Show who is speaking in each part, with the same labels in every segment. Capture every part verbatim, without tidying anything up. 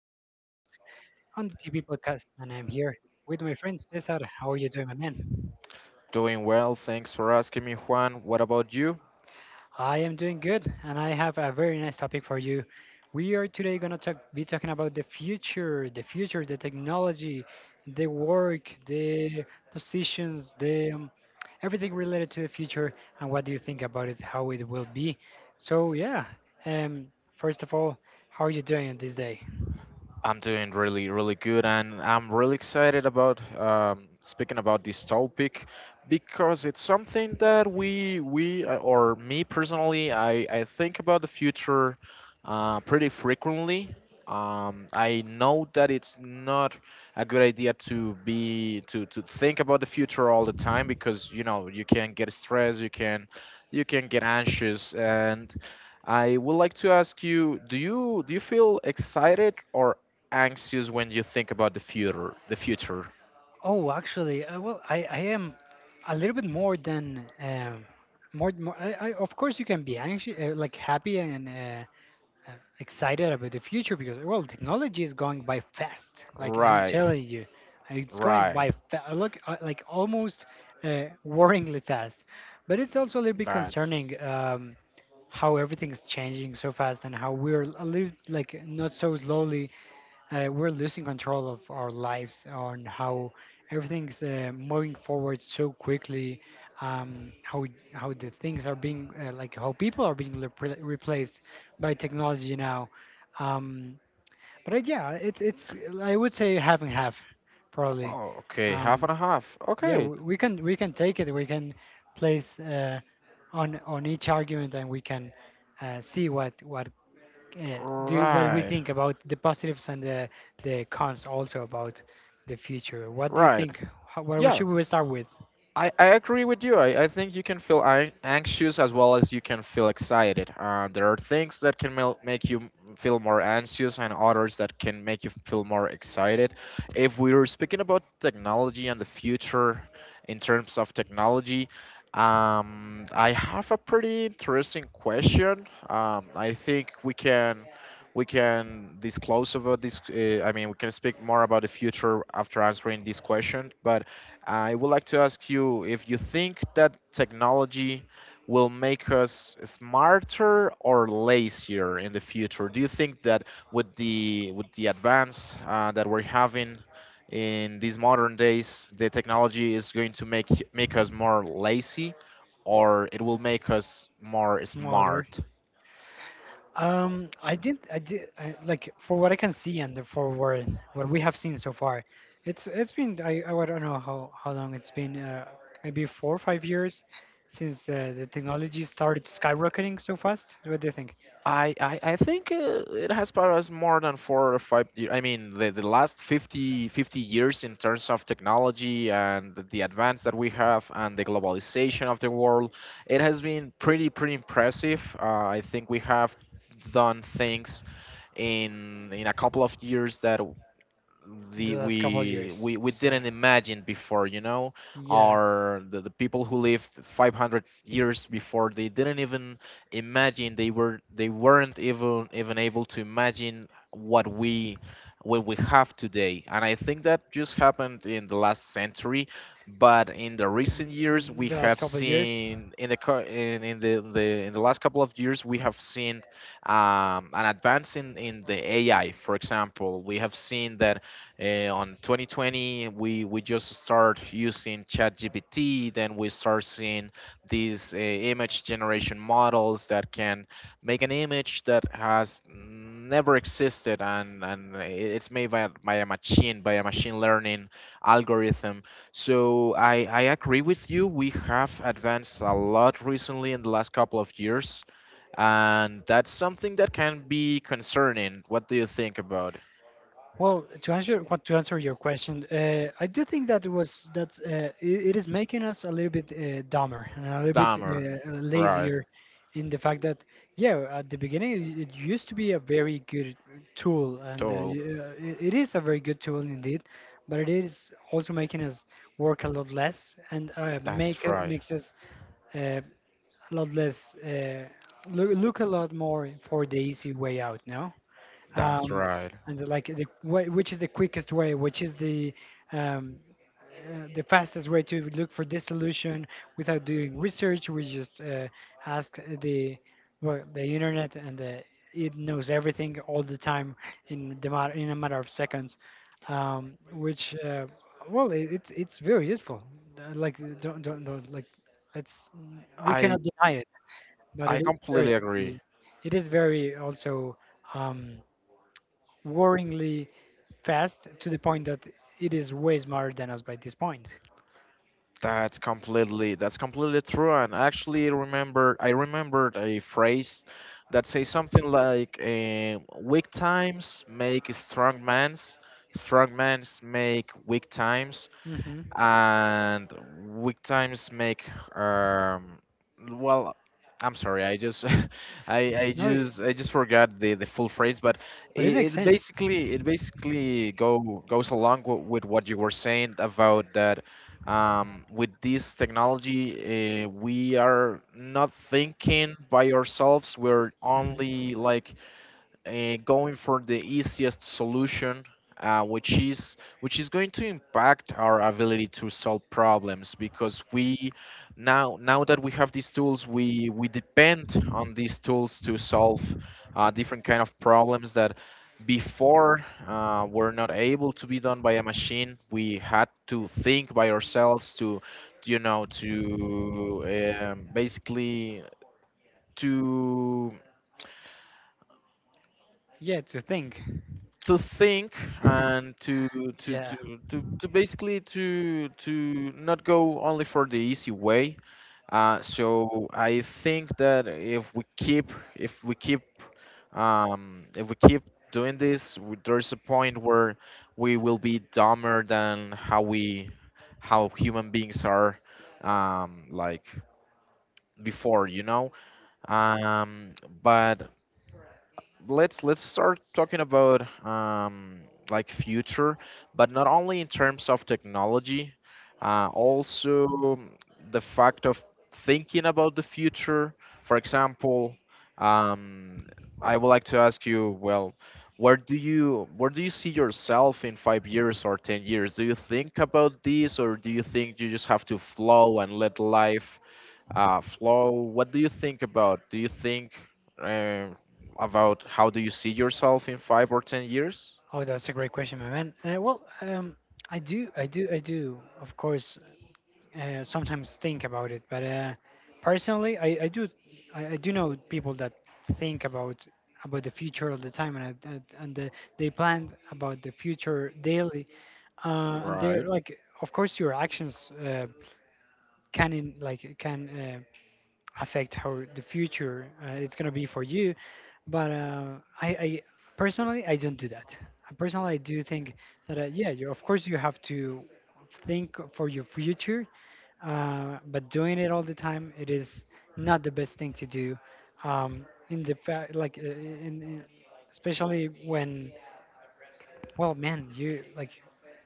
Speaker 1: your host on the T V podcast, and I'm here with my friend Cesar. How are you doing, my man?
Speaker 2: Doing well, thanks for asking me, Juan. What about you?
Speaker 1: I am doing good, and I have a very nice topic for you. We are today going to talk, be talking about the future, the future, the technology, the work, the positions, the um, everything related to the future, and what do you think about it, how it will be. So, yeah, um, first of all, how are you doing this day?
Speaker 2: I'm doing really, really good, and I'm really excited about um, speaking about this topic because it's something that we, we, uh, or me personally, I, I think about the future uh, pretty frequently. Um, I know that it's not a good idea to be to to think about the future all the time because you know you can get stressed, you can you can get anxious, and I would like to ask you, do you do you feel excited or anxious when you think about the future. The future.
Speaker 1: Oh, actually, uh, well, I, I am a little bit more than um, more. More I, I, of course, you can be anxious, uh, like happy and uh, uh, excited about the future because, well, technology is going by fast. Like I'm
Speaker 2: Right.
Speaker 1: telling you, uh, it's going
Speaker 2: Right.
Speaker 1: by fa- uh, look uh, like almost uh, worryingly fast. But it's also a little bit
Speaker 2: That's
Speaker 1: concerning, um, how everything's changing so fast and how we're a little like not so slowly uh, we're losing control of our lives on how everything's uh, moving forward so quickly, um, how how the things are being uh, like how people are being repl replaced by technology now. Um, but uh, yeah it's it's I would say half and half, probably.
Speaker 2: Oh, okay. Half
Speaker 1: um,
Speaker 2: and a half.
Speaker 1: yeah,
Speaker 2: Okay.
Speaker 1: we, we can we can take it, we can place uh, on on each argument, and we can uh, see what what uh, do what we
Speaker 2: Right.
Speaker 1: think about the positives and the the cons, also, about the future. What do you
Speaker 2: Right.
Speaker 1: think? How, where we-
Speaker 2: Yeah.
Speaker 1: should we start with?
Speaker 2: I, I agree with you. I, I think you can feel an- anxious as well as you can feel excited. Uh, there are things that can mel- make you m- feel more anxious and others that can make you feel more excited. If we were speaking about technology and the future in terms of technology, um, I have a pretty interesting question. Um, I think we can we can disclose about this. Uh, I mean, we can speak more about the future after answering this question. But I would like to ask you if you think that technology will make us smarter or lazier in the future. Do you think that with the with the advance uh, that we're having in these modern days, the technology is going to make make us more lazy, or it will make us more
Speaker 1: Water.
Speaker 2: smart?
Speaker 1: Um, I did, I did, I, like for what I can see and the- for what what we have seen so far, it's it's been, I I don't know how how long it's been. Uh, maybe four or five years since uh, the technology started skyrocketing so fast. What do you think?
Speaker 2: I, I, I think uh, it has brought us more than four or five years. I mean, the, the last fifty fifty years in terms of technology and the advance that we have and the globalization of the world, it has been pretty, pretty impressive. Uh, I think we have done things in in a couple of years that
Speaker 1: The
Speaker 2: the
Speaker 1: last couple of
Speaker 2: we we,
Speaker 1: years,
Speaker 2: we
Speaker 1: you say?
Speaker 2: didn't imagine before. You know
Speaker 1: Yeah.
Speaker 2: or the, the people who lived five hundred years before they didn't even imagine, they were they weren't even even able to imagine what we what we have today. And I think that just happened in the last century, but in the recent years
Speaker 1: Mm,
Speaker 2: we
Speaker 1: The last
Speaker 2: have
Speaker 1: couple of years.
Speaker 2: seen in the co- in, in the, the in the last couple of years we have seen um, an advance in, in the A I. For example, we have seen that uh, on twenty twenty, we we just start using ChatGPT. Then we start seeing these uh, image generation models that can make an image that has never existed, and and i- it's made by, by a machine, by a machine learning algorithm. So I I agree with you. We have advanced a lot recently in the last couple of years. And that's something that can be concerning. What do you think about?
Speaker 1: Well, to answer what to answer your question, uh, I do think that it was that uh, it, it is making us a little bit uh, dumber and a little bit
Speaker 2: Dahmer.
Speaker 1: uh,
Speaker 2: Right.
Speaker 1: lazier, in the fact that, yeah, at the beginning it, it used to be a very good tool, and uh,
Speaker 2: Toll.
Speaker 1: y- uh, it, it is a very good tool indeed, but it is also making us work a lot less, and uh, make
Speaker 2: That's right.
Speaker 1: makes us uh, a lot less uh, look, look a lot more for the easy way out. No.
Speaker 2: That's
Speaker 1: um,
Speaker 2: right.
Speaker 1: and like the wh- which is the quickest way, which is the um, uh, the fastest way to look for this solution without doing research. We just uh, ask the, well, the internet, and the, it knows everything all the time, in the mat- in a matter of seconds, um, which uh, well, it, it's it's very useful. Uh, Like, don't don't, don't like, it's we
Speaker 2: I
Speaker 1: cannot deny it, but
Speaker 2: I
Speaker 1: it is very,
Speaker 2: completely agree.
Speaker 1: it is very also. Um, worryingly fast, to the point that it is way smarter than us by this point.
Speaker 2: That's completely that's completely true. And actually, remember I remembered a phrase that says something like um, "Weak times make strong mans, strong mans make weak times."
Speaker 1: Hmm.
Speaker 2: And weak times make, um well, I'm sorry, I just i i
Speaker 1: No, it-
Speaker 2: just i just forgot the the full phrase, but
Speaker 1: but it makes
Speaker 2: it, it
Speaker 1: sense.
Speaker 2: basically it
Speaker 1: Mhm.
Speaker 2: basically go goes along w- with what you were saying about that, um with this technology, uh, we are not thinking by ourselves. We're only, like, uh, going for the easiest solution, uh, which is which is going to impact our ability to solve problems because we now now that we have these tools, we we depend on these tools to solve uh, different kind of problems that before uh, were not able to be done by a machine. We had to think by ourselves to you know to um, basically to
Speaker 1: Yeah, to think.
Speaker 2: to think and to to
Speaker 1: Yeah.
Speaker 2: to to, to basically to to not go only for the easy way. Uh, so I think that if we keep if we keep um, if we keep doing this, w- there's a point where we will be dumber than how we how human beings are, um, like before. You know um, but let's let's start talking about, um, like, future, but not only in terms of technology, uh, also, um, the fact of thinking about the future. For example, um, I would like to ask you, well, where do you where do you see yourself in five years or ten years? Do you think about this, or do you think you just have to flow and let life, uh, Flo, what do you think about? Do you think um, about how do you see yourself in five or ten years?
Speaker 1: Oh, that's a great question, my man. Uh, well, um, I do, I do, I do, of course, uh, sometimes think about it. But uh, personally, I, I do I, I do know people that think about about the future all the time, and I- and, and the, they plan about the future daily. Uh, and
Speaker 2: Right.
Speaker 1: they're like, of course, your actions uh, can, in, like can uh, affect how the future uh, it's gonna be for you. But uh, I, I personally I don't do that. I Personally, I do think that uh, yeah, you, of course you have to think for your future, uh, but doing it all the time it is not the best thing to do. Um, in the fact, like uh, in, in, especially when, well, man, you like,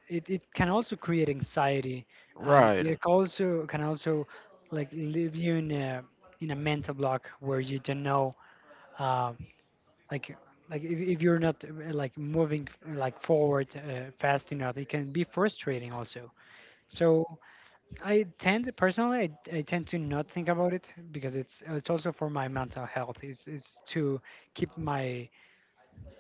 Speaker 1: it, it can also create anxiety, and
Speaker 2: Right,
Speaker 1: it also can also like leave you in a in a mental block where you don't know uh, like, like if, if you're not uh, like moving f- like forward uh, fast enough, it can be frustrating also, so i tend personally I, I tend to not think about it because it's it's also for my mental health, it's it's to keep my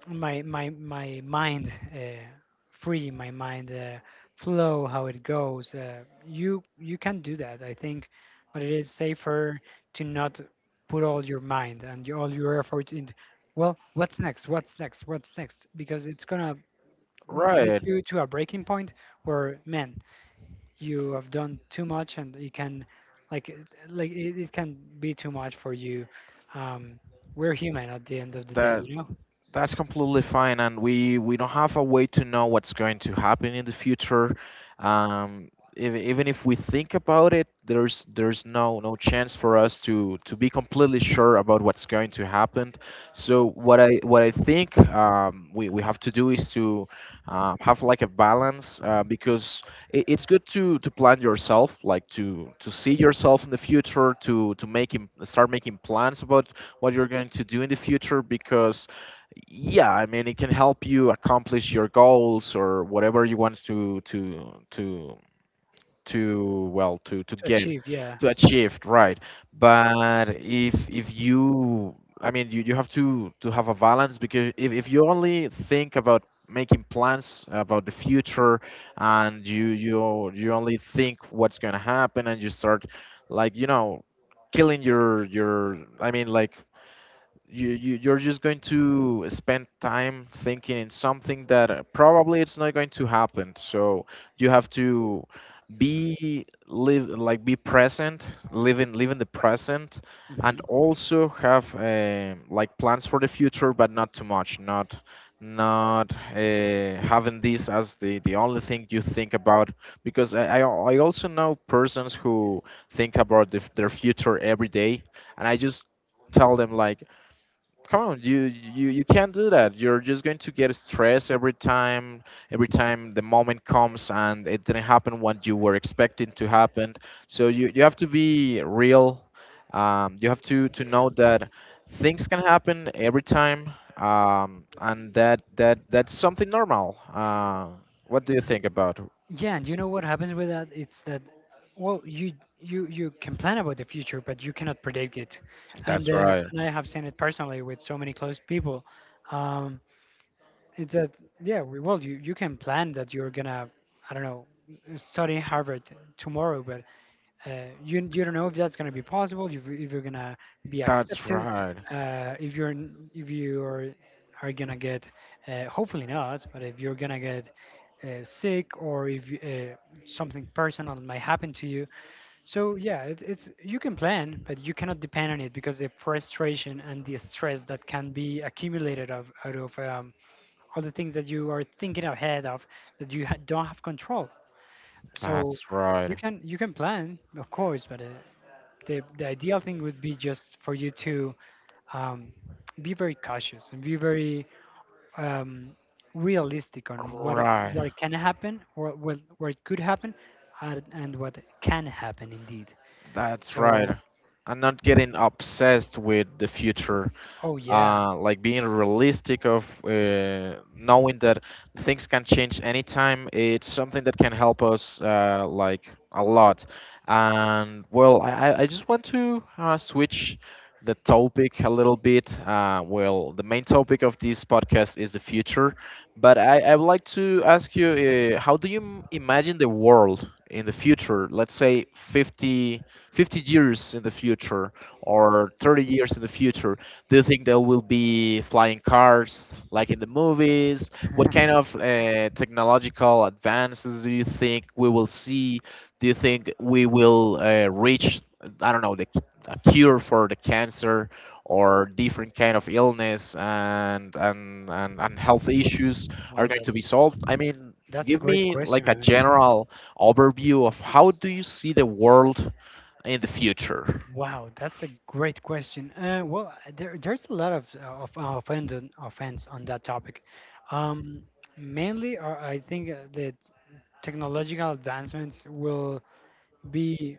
Speaker 1: my my my mind uh, free, my mind uh, flow how it goes, uh, you you can do that, I think, but it is safer to not put all your mind and your- all your effort in, well, what's next, what's next, what's next, because it's gonna mm, get
Speaker 2: right.
Speaker 1: you to a breaking point where, man, you have done too much and you can, like it- like, it, it can be too much for you, um we're human at the end of the day,
Speaker 2: That
Speaker 1: you know.
Speaker 2: That's completely fine, and we we don't have a way to know what's going to happen in the future. Um, even even if we think about it, there's there's no no chance for us to to be completely sure about what's going to happen. So what I what I think, um, we we have to do is to, uh, have, like, a balance, uh, because it, it's good to to plan yourself, like to to see yourself in the future, to to make im- start making plans about what you're going to do in the future because, yeah, I mean, it can help you accomplish your goals or whatever you want to to to to, well, to to
Speaker 1: To
Speaker 2: get
Speaker 1: achieve, yeah.
Speaker 2: to achieve, right. But if if you, I mean, you, you have to to have a balance because if, if you only think about making plans about the future, and you you you only think what's going to happen and you start, like, you know killing your your, I mean, like, you, you you're just going to spend time thinking in something that uh, probably it's not going to happen. So you have to be live, like, be present, live in live in the present, and
Speaker 1: Hmm.
Speaker 2: also have, um like, plans for the future, but not too much, not not uh, having this as the the only thing you think about, because i i, al- I also know persons who think about the, f- their future every day. And I just tell them, like, come on, you you you can't do that. You're just going to get stressed every time every time the moment comes and it didn't happen what you were expecting to happen. So you you have to be real. Um, you have to to know that things can happen every time. Um, and that that that's something normal. Uh, what do you think about?
Speaker 1: Yeah, and you know what happens with that? It's that, well, you you you can plan about the future, but you cannot predict it. And
Speaker 2: That's
Speaker 1: uh,
Speaker 2: right.
Speaker 1: and I have seen it personally with so many close people. Um, it's that, yeah, we, well, you you can plan that you're gonna, I don't know, study Harvard tomorrow, but Uh, you you don't know if that's gonna be possible, if, you- if you're gonna be
Speaker 2: That's
Speaker 1: accepted,
Speaker 2: right.
Speaker 1: uh, if you're n- if you are are gonna get, uh, hopefully not, but if you're gonna get uh, sick, or if you- uh, something personal might happen to you. So yeah, it, it's, you can plan, but you cannot depend on it, because the frustration and the stress that can be accumulated of, out of, um, all the things that you are thinking ahead of, that you ha- don't have control, so
Speaker 2: That's
Speaker 1: you
Speaker 2: right.
Speaker 1: can you can plan, of course, but uh, the the ideal thing would be just for you to um, be very cautious and be very um, realistic on what it-
Speaker 2: Right.
Speaker 1: what can happen, or what what could happen, and, and what can happen indeed.
Speaker 2: That's right.
Speaker 1: So,
Speaker 2: I'm not getting obsessed with the future,
Speaker 1: oh yeah,
Speaker 2: uh, like being realistic of, uh, knowing that things can change anytime. It's something that can help us, uh, like, a lot. And, well, i, I I just want to, uh, switch the topic a little bit. Uh, well, the main topic of this podcast is the future, but i, I would like to ask you, uh, how do you m- imagine the world in the future? Let's say fifty fifty years in the future or thirty years in the future. Do you think there will be flying cars like in the movies? What kind of uh, technological advances do you think we will see? Do you think we will uh, reach, I don't know, the, c- a cure for the cancer or different kind of illness and, and, and, and health issues are
Speaker 1: well
Speaker 2: going to be
Speaker 1: that's
Speaker 2: solved? I mean,
Speaker 1: that's a
Speaker 2: give
Speaker 1: great
Speaker 2: me
Speaker 1: question,
Speaker 2: like a
Speaker 1: man.
Speaker 2: general overview of how do you see the world in the future?
Speaker 1: Wow, that's a great question. Uh, well, uh, there, there's a lot of uh, of uh, offend offense on that topic. Um, mainly, uh, I think uh, the technological advancements will be,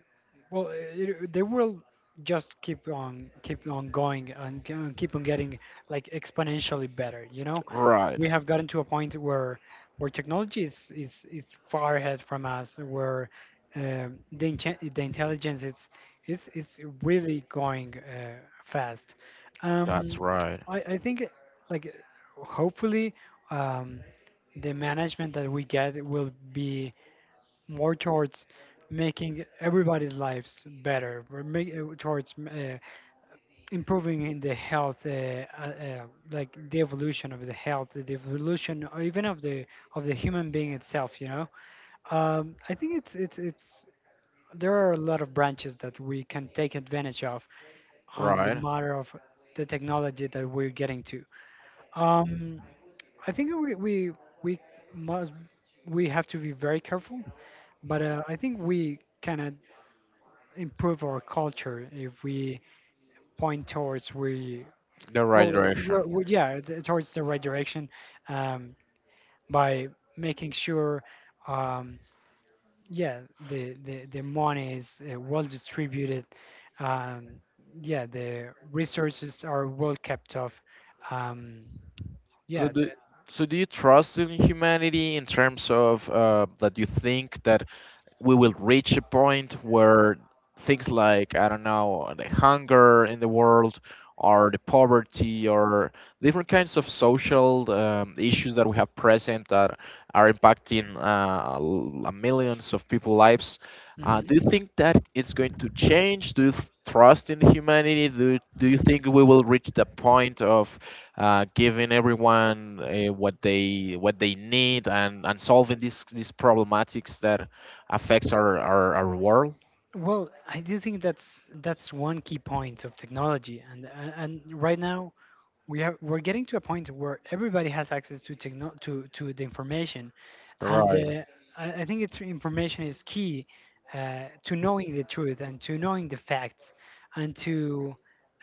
Speaker 1: well, it, they will just keep on keep on going, and g- and keep on getting like exponentially better, you know.
Speaker 2: Right.
Speaker 1: We have gotten to a point where, where technology is, is, is far ahead from us, where um the, inche- the intelligence is, is is really going uh, fast.
Speaker 2: That's
Speaker 1: um
Speaker 2: right.
Speaker 1: i i think like, hopefully, um the management that we get will be more towards making everybody's lives better. We're making towards uh, improving in the health, uh, uh, uh, like the evolution of the health, the evolution or even of the of the human being itself. You know, um, I think it's it's it's, there are a lot of branches that we can take advantage of on the
Speaker 2: Right.
Speaker 1: matter of the technology that we're getting to. Um, I think we we we must, we have to be very careful, but uh, I think we can improve our culture if we point towards, we
Speaker 2: The right
Speaker 1: well
Speaker 2: direction.
Speaker 1: we're, we yeah t- towards the right direction, um, by making sure, um, yeah, the, the the money is uh, well distributed, um, yeah, the resources are well kept off, um,
Speaker 2: So
Speaker 1: yeah,
Speaker 2: do, so do you trust in humanity in terms of, uh, that you think that we will reach a point where things like, I don't know, the hunger in the world, or the poverty, or different kinds of social, um, issues that we have present that are impacting, uh, l- millions of people lives. Uh, do
Speaker 1: the,
Speaker 2: you think that it's going to change? Do you th- trust in humanity? Do, do you think we will reach the point of, uh, giving everyone, uh, what they what they need, and, and solving these these problematics that affects our, our, our world.
Speaker 1: well, I do think that's that's one key point of technology, and a- and right now we are, we're getting to a point where everybody has access to techno to to the information, and
Speaker 2: Right,
Speaker 1: uh, I, I think it's information is key, uh, to knowing the truth and to knowing the facts, and to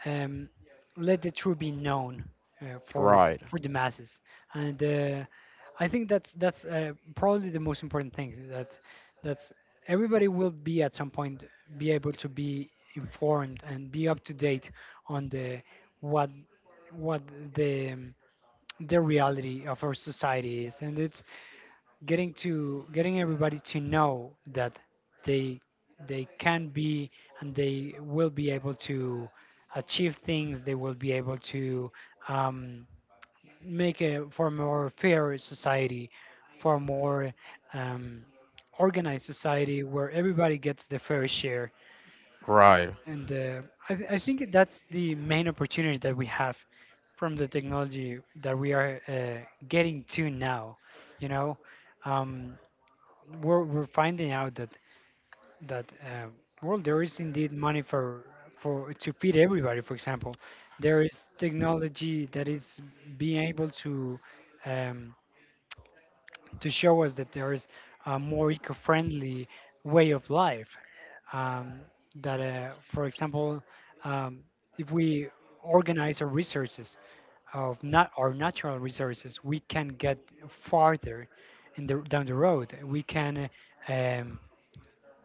Speaker 1: um, let the truth be known uh, for
Speaker 2: right,
Speaker 1: for the masses. And uh, I think that's, that's uh, probably the most important thing. That's that's Everybody will be at some point be able to be informed and be up to date on the what what the the reality of our society is, and it's getting to, getting everybody to know that they they can be, and they will be able to achieve things, they will be able to um, make a for a more fair society, for a more um, organized society where everybody gets the fair share,
Speaker 2: right,
Speaker 1: and uh, I, th- I think that's the main opportunity that we have from the technology that we are uh, getting to now. You know, um, we're, we're finding out that, that uh, well, there is indeed money for, for to feed everybody. For example, there is technology that is being able to um, to show us that there is a more eco-friendly way of life. Um, that, uh, for example, um, if we organize our resources of, not our natural resources, we can get farther in the, down the road. We can uh, um,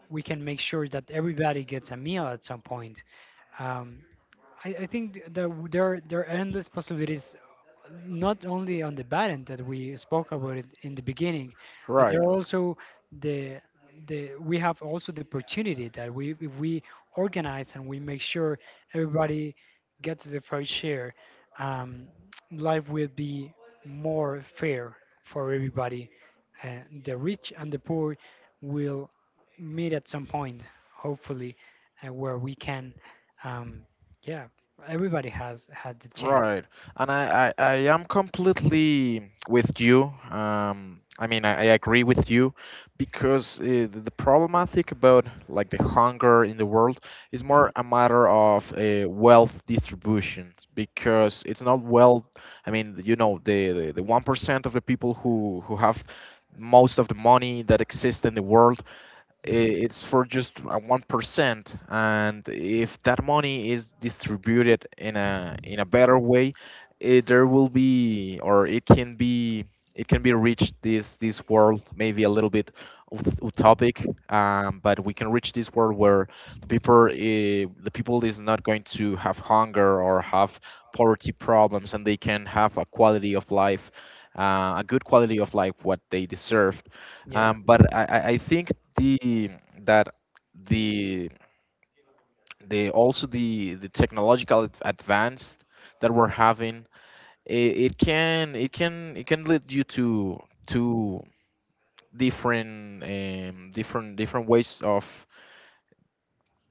Speaker 1: we can make sure that everybody gets a meal at some point. Um, I, I think th- that w- there are, there are endless possibilities, not only on the bad end that we spoke about it in the beginning, but there
Speaker 2: right.
Speaker 1: are also the the we have also the opportunity that we if we organize and we make sure everybody gets the fair share, um, life will be more fair for everybody. Uh, the rich and the poor will meet at some point, hopefully, uh, where we can. Um, yeah, everybody has had the chance.
Speaker 2: Right. And I, I, I am completely with you. Um, I mean, I, I agree with you because, uh, the, the problematic about, like, the hunger in the world is
Speaker 1: Mhm,
Speaker 2: more a matter of, uh, wealth distribution, because it's not well. I mean, you know, the, the, the one percent of the people who, who have most of the money that exists in the world i-
Speaker 1: mhm.
Speaker 2: it's for just uh, one percent. And if that money is distributed in a in a better way, it, there will be, or it can be, it can be reached this this world, maybe a little bit ut- utopic. Um, but we can reach this world where the people eh, the people is not going to have hunger or have poverty problems, and they can have a quality of life, uh, a good quality of life, what they deserve.
Speaker 1: Yeah,
Speaker 2: Um, but I, I I think the that the the also the the technological ad- advance that we're having, it, it can, it can, it can lead you to to different um, different different ways of,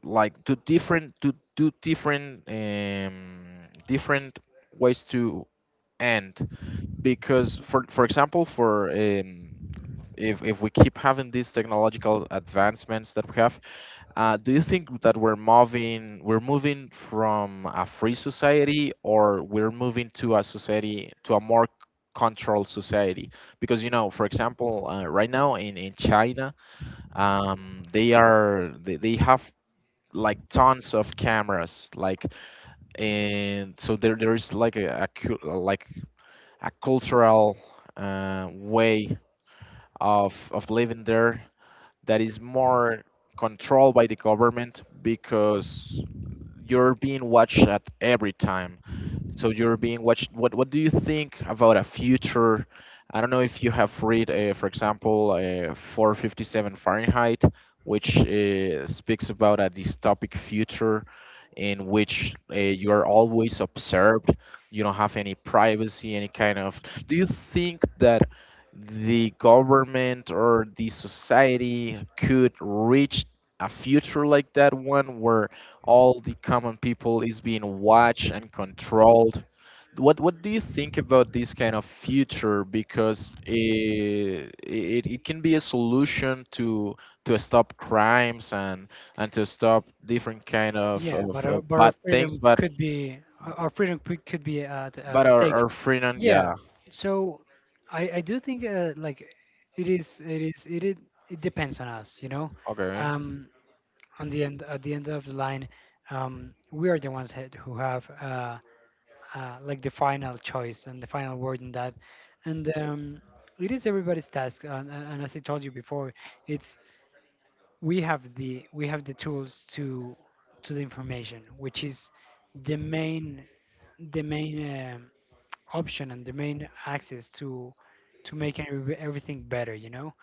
Speaker 2: like, to different, to to different um, different ways to end. Because for for example, for um, if if we keep having these technological advancements that we have. Uh, do you think that we're moving, we're moving from a free society, or we're moving to a society, to a more controlled society? Because, you know, for example, uh, right now in in China, um, they are, they, they have like tons of cameras, like, and so there there is like a, a cu- like a cultural uh, way of of living there that is more controlled by the government because you're being watched at every time. So you're being watched. What What do you think about a future? I don't know if you have read, uh, for example, uh, four fifty-seven Fahrenheit, which uh, speaks about a dystopic future in which uh, you are always observed. You don't have any privacy, any kind of. Do you think that the government or the society could reach a future like that one where all the common people is being watched and controlled? What what do you think about this kind of future? Because it, it, it can be a solution to to stop crimes and and to stop different kind of,
Speaker 1: yeah, but
Speaker 2: of,
Speaker 1: our,
Speaker 2: of
Speaker 1: but our
Speaker 2: bad things.
Speaker 1: freedom
Speaker 2: But
Speaker 1: could be our our freedom could could be at
Speaker 2: but
Speaker 1: at
Speaker 2: our
Speaker 1: stake.
Speaker 2: our freedom,
Speaker 1: Yeah,
Speaker 2: yeah,
Speaker 1: so I I do think uh, like it is it is it is, it depends on us, you know.
Speaker 2: okay,
Speaker 1: Um, on the end At the end of the line, um, we are the ones had- who have uh, uh, like the final choice and the final word in that. And um, it is everybody's task. And, and and as I told you before, it's we have the we have the tools to to the information, which is the main the main um option and the main access to to make every- everything better. You know.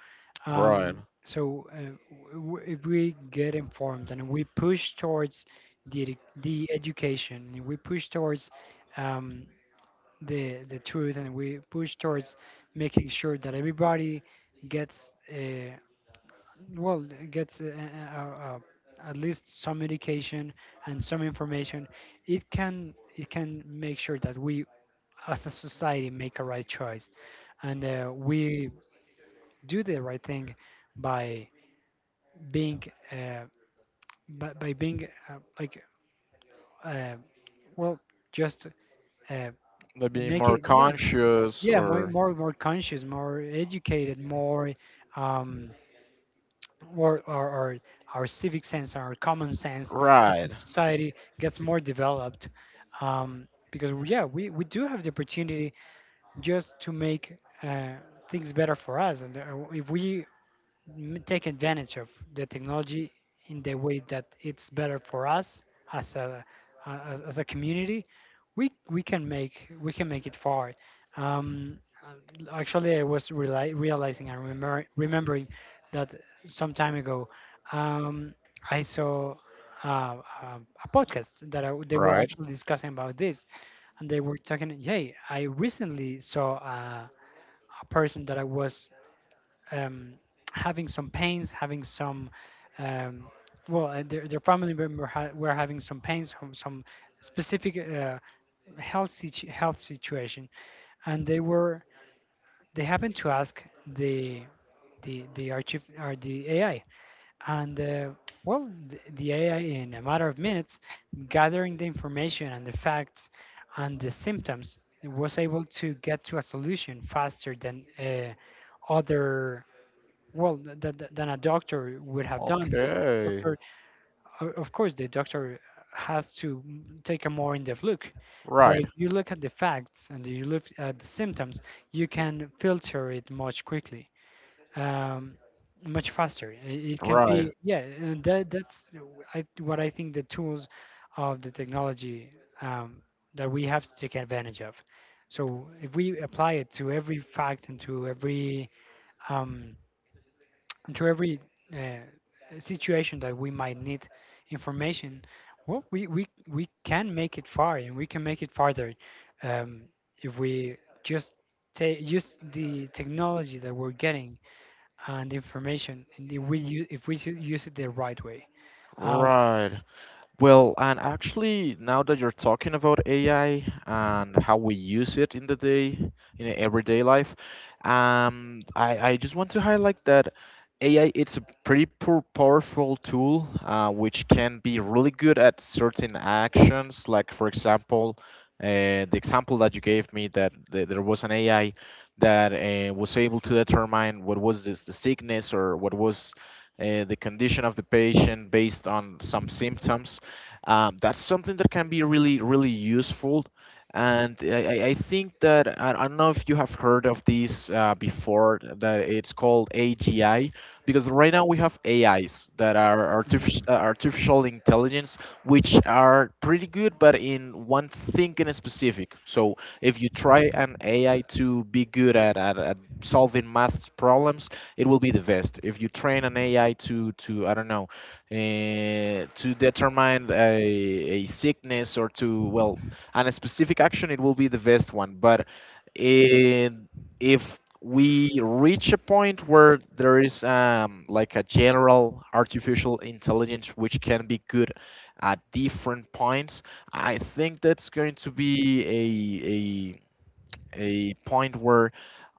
Speaker 2: right.
Speaker 1: Um, so uh, w- w- if we get informed and we push towards the edu- the education, and we push towards um, the the truth and we push towards making sure that everybody gets uh, well gets uh, uh, uh, uh, at least some education and some information. It can it can make sure that we as a society make a right choice and uh, we do the right thing by being uh, by, by being uh, like uh, well just uh,
Speaker 2: They be more
Speaker 1: making yeah,
Speaker 2: conscious
Speaker 1: yeah, more
Speaker 2: or
Speaker 1: more more conscious, more educated, more um or our, our our civic sense, our common sense, as the
Speaker 2: right,
Speaker 1: society gets more developed, um because yeah, we we do have the opportunity just to make uh things better for us. And uh, if we m- take advantage of the technology in the way that it's better for us as a a- as, as a community, we we can make we can make it far. um uh, Actually, I was reali realizing and remember, remembering that some time ago um I saw uh, uh, a podcast that I, they were
Speaker 2: right.
Speaker 1: actually discussing about this. And they were talking, hey, I recently saw uh, a person that I was um, having some pains, having some, um, well, uh, their, their family member ha- were having some pains, from some specific uh, health situ- health situation, and they were they happened to ask the the the archive or the A I. And uh, well, the, the A I, in a matter of minutes, gathering the information and the facts and the symptoms, was able to get to a solution faster than uh, other well th- th- th- than a doctor would have done. Because a
Speaker 2: Okay.
Speaker 1: doctor o- of course the doctor has to m- take a more in-depth look, but right,
Speaker 2: Right.
Speaker 1: if you look at the facts and you look at the symptoms you can filter it much quickly, um, much faster. I- it can
Speaker 2: Right.
Speaker 1: be, yeah, and that, that's I, what I think the tools of the technology um, that we have to take advantage of. So if we apply it to every fact and to every um, and to every uh, situation that we might need information, well, we, we, we can make it far and we can make it farther, um, if we just take use the technology that we're getting and the information, and if we use, if we should use it the right way. Um,
Speaker 2: Right. Well, and actually, now that you're talking about A I and how we use it in the day, in everyday life, um, I, I just want to highlight that A I it's a pretty poor, powerful tool, uh, which can be really good at certain actions. Like, for example, uh, the example that you gave me, that th- there was an A I that uh, was able to determine what was this, the sickness, or what was uh, the condition of the patient based on some symptoms. Um, that's something that can be really really useful. And I, I I think that I, I don't know if you have heard of this uh, before, that it's called A G I. Because right now we have A Is that are artificial,
Speaker 1: mhm,
Speaker 2: uh, artificial intelligence, which are pretty good, but in one thing in specific. So if you try an A I to be good at, at, at solving maths problems, it will be the best. If you train an A I to to I don't know, uh, to determine a, a sickness, or to, well, on a specific action, it will be the best one. But in, if we reach a point where there is um, like a general artificial intelligence which can be good at different points, I think that's going to be a point where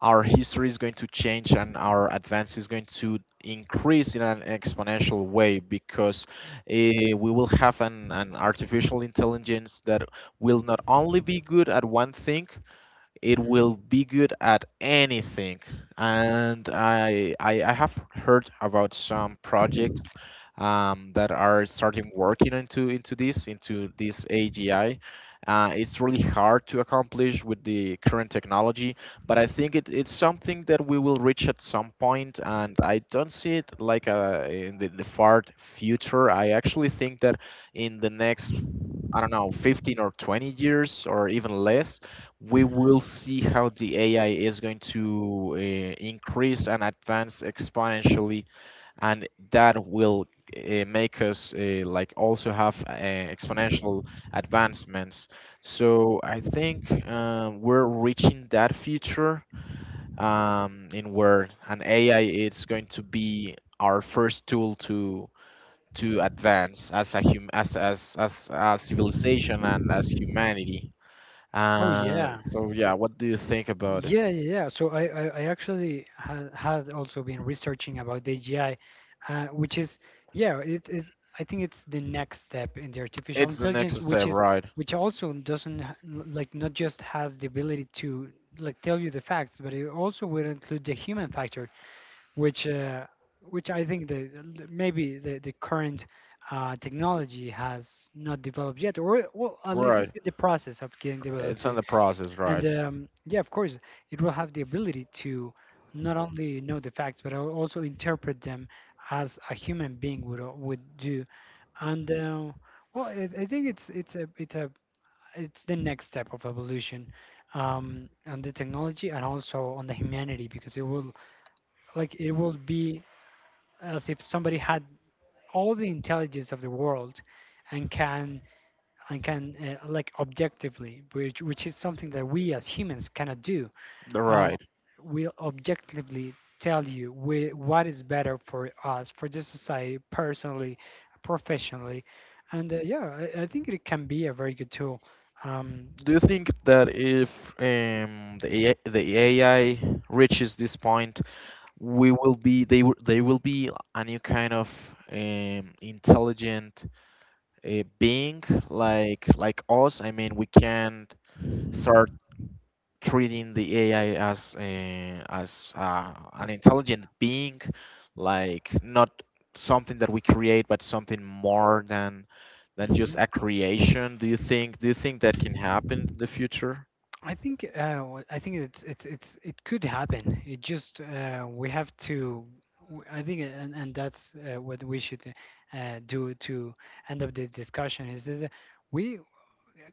Speaker 2: our history is going to change, and our advance is going to increase in an exponential way. Because uh, we will have an, an artificial intelligence that will not only be good at one thing, it
Speaker 1: mhm.
Speaker 2: will be good at anything. And I I, I have heard about some projects um, that are starting working into into this into this A G I. Uh, it's really hard to accomplish with the current technology, but I think it, it's something that we will reach at some point, and I don't see it like a, in the, the far future. I actually think that in the next, I don't know, fifteen or twenty years, or even less, we will see how the A I is going to uh, increase and advance exponentially, and that will uh, make us uh, like also have uh, exponential advancements. So I think uh, we're reaching that future, um, in where an A I is going to be our first tool to to advance as a hum as as as a civilization and as humanity.
Speaker 1: Oh,
Speaker 2: Uh,
Speaker 1: yeah.
Speaker 2: so yeah, what do you think about it?
Speaker 1: Yeah, yeah, yeah. So I, I, I actually had, had also been researching about the A G I, uh, which is, yeah, it is. I think it's the next step in the artificial
Speaker 2: It's the
Speaker 1: intelligence,
Speaker 2: next
Speaker 1: which
Speaker 2: step,
Speaker 1: is
Speaker 2: right?
Speaker 1: which also doesn't ha- l- like not just has the ability to like tell you the facts, but it also will include the human factor, which uh, which I think the the- maybe the the current uh, technology has not developed yet, or, well, at least it's
Speaker 2: Right.
Speaker 1: in the process of getting
Speaker 2: It's
Speaker 1: developed.
Speaker 2: on the process,
Speaker 1: And
Speaker 2: right?
Speaker 1: um, yeah, of course, it will have the ability to not only know the facts, but al- also interpret them as a human being would al- would do. And uh, well, I, I think it's it's a it's a it's the next step of evolution um, on the technology and also on the humanity, because it will like it will be as if somebody had all the intelligence of the world and can and can uh, like objectively, which which is something that we as humans cannot do, uh,
Speaker 2: Right.
Speaker 1: will objectively tell you whe- what is better for us, for the society, personally, professionally. And uh, yeah, I, I think it can be a very good tool. um,
Speaker 2: Do you think that if um, the A I, the A I reaches this point, we will be, they will, they will be a new kind of um, intelligent uh, being, like like us? I mean, we can start treating the A I as uh, as uh, an
Speaker 1: as,
Speaker 2: intelligent being, like, not something that we create, but something more than than just
Speaker 1: Mhm.
Speaker 2: a creation. Do you think, do you think that can happen in the future?
Speaker 1: I think uh, w- I think it's it's it's it could happen. It just uh, we have to. w- I think uh, and and that's uh, what we should uh, do to end up this discussion. Is is that we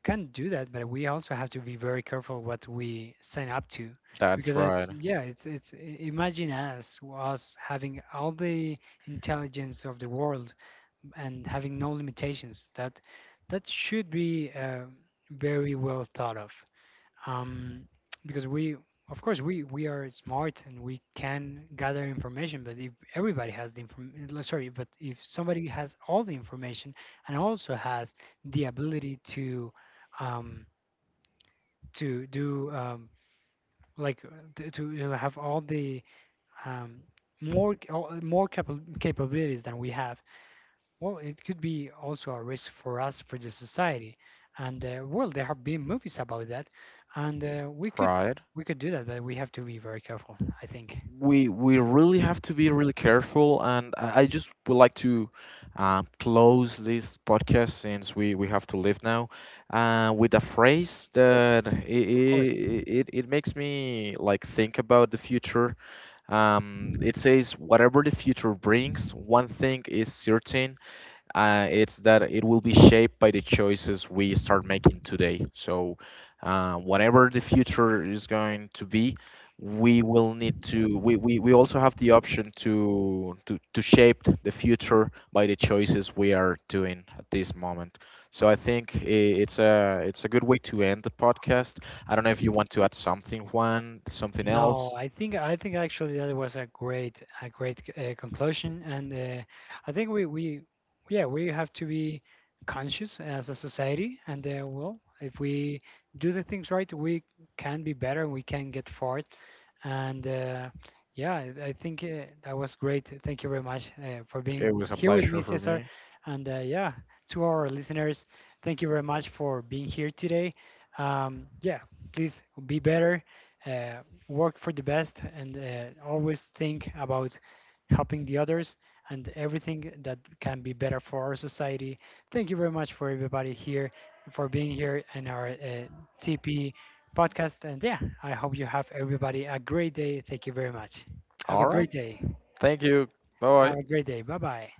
Speaker 1: can do that, but we also have to be very careful what we sign up to,
Speaker 2: That's
Speaker 1: because it's,
Speaker 2: right,
Speaker 1: yeah, it's it's i- imagine us us having all the intelligence of the world and having no limitations. That that should be uh, very well thought of, um, because we of course we we are smart and we can gather information, but if everybody has the information sorry but if somebody has all the information and also has the ability to um, to do um, like uh, to, to to have all the um, more c- all- more capa- capabilities than we have, well, it could be also a risk for us, for the society. And uh, well, there have been movies about that. And uh, we could
Speaker 2: right.
Speaker 1: we could do that, but we have to be very careful. I think. Of
Speaker 2: we we really have to be really careful. And i I just would like to um, close this podcast, since we we have to leave now, uh, with a phrase that it,
Speaker 1: course.
Speaker 2: it it makes me like think about the future. Um, it says, whatever the future brings, one thing is certain: uh, it's that it will be shaped by the choices we start making today. So, uh, whatever the future is going to be, we will need to. We, we, we also have the option to, to to shape the future by the choices we are doing at this moment. So I think i- it's a it's a good way to end the
Speaker 1: Of course.
Speaker 2: podcast. I don't know if you want to add something, Juan, something
Speaker 1: No,
Speaker 2: else.
Speaker 1: I think, I think actually that was a great, a great uh, conclusion. And uh, I think we we, yeah, we have to be conscious as a society. And uh, well, if we do the things right, we can be better and we can get forward. And uh, yeah, I I think uh, that was great. Thank you very much uh, for
Speaker 2: It
Speaker 1: being
Speaker 2: was a
Speaker 1: here with
Speaker 2: pleasure
Speaker 1: me,
Speaker 2: for
Speaker 1: Cesar.
Speaker 2: me.
Speaker 1: And uh, yeah, to our listeners, thank you very much for being here today. Um, yeah, please be better, uh, work for the best, and uh, always think about helping the others and everything that can be better for our society. Thank you very much for everybody here for being here in our uh, T P podcast. And yeah, I hope you have everybody a great day. Thank you very much. Have
Speaker 2: All
Speaker 1: a
Speaker 2: right.
Speaker 1: great day.
Speaker 2: Thank you. Bye bye.
Speaker 1: Have a great day. Bye bye.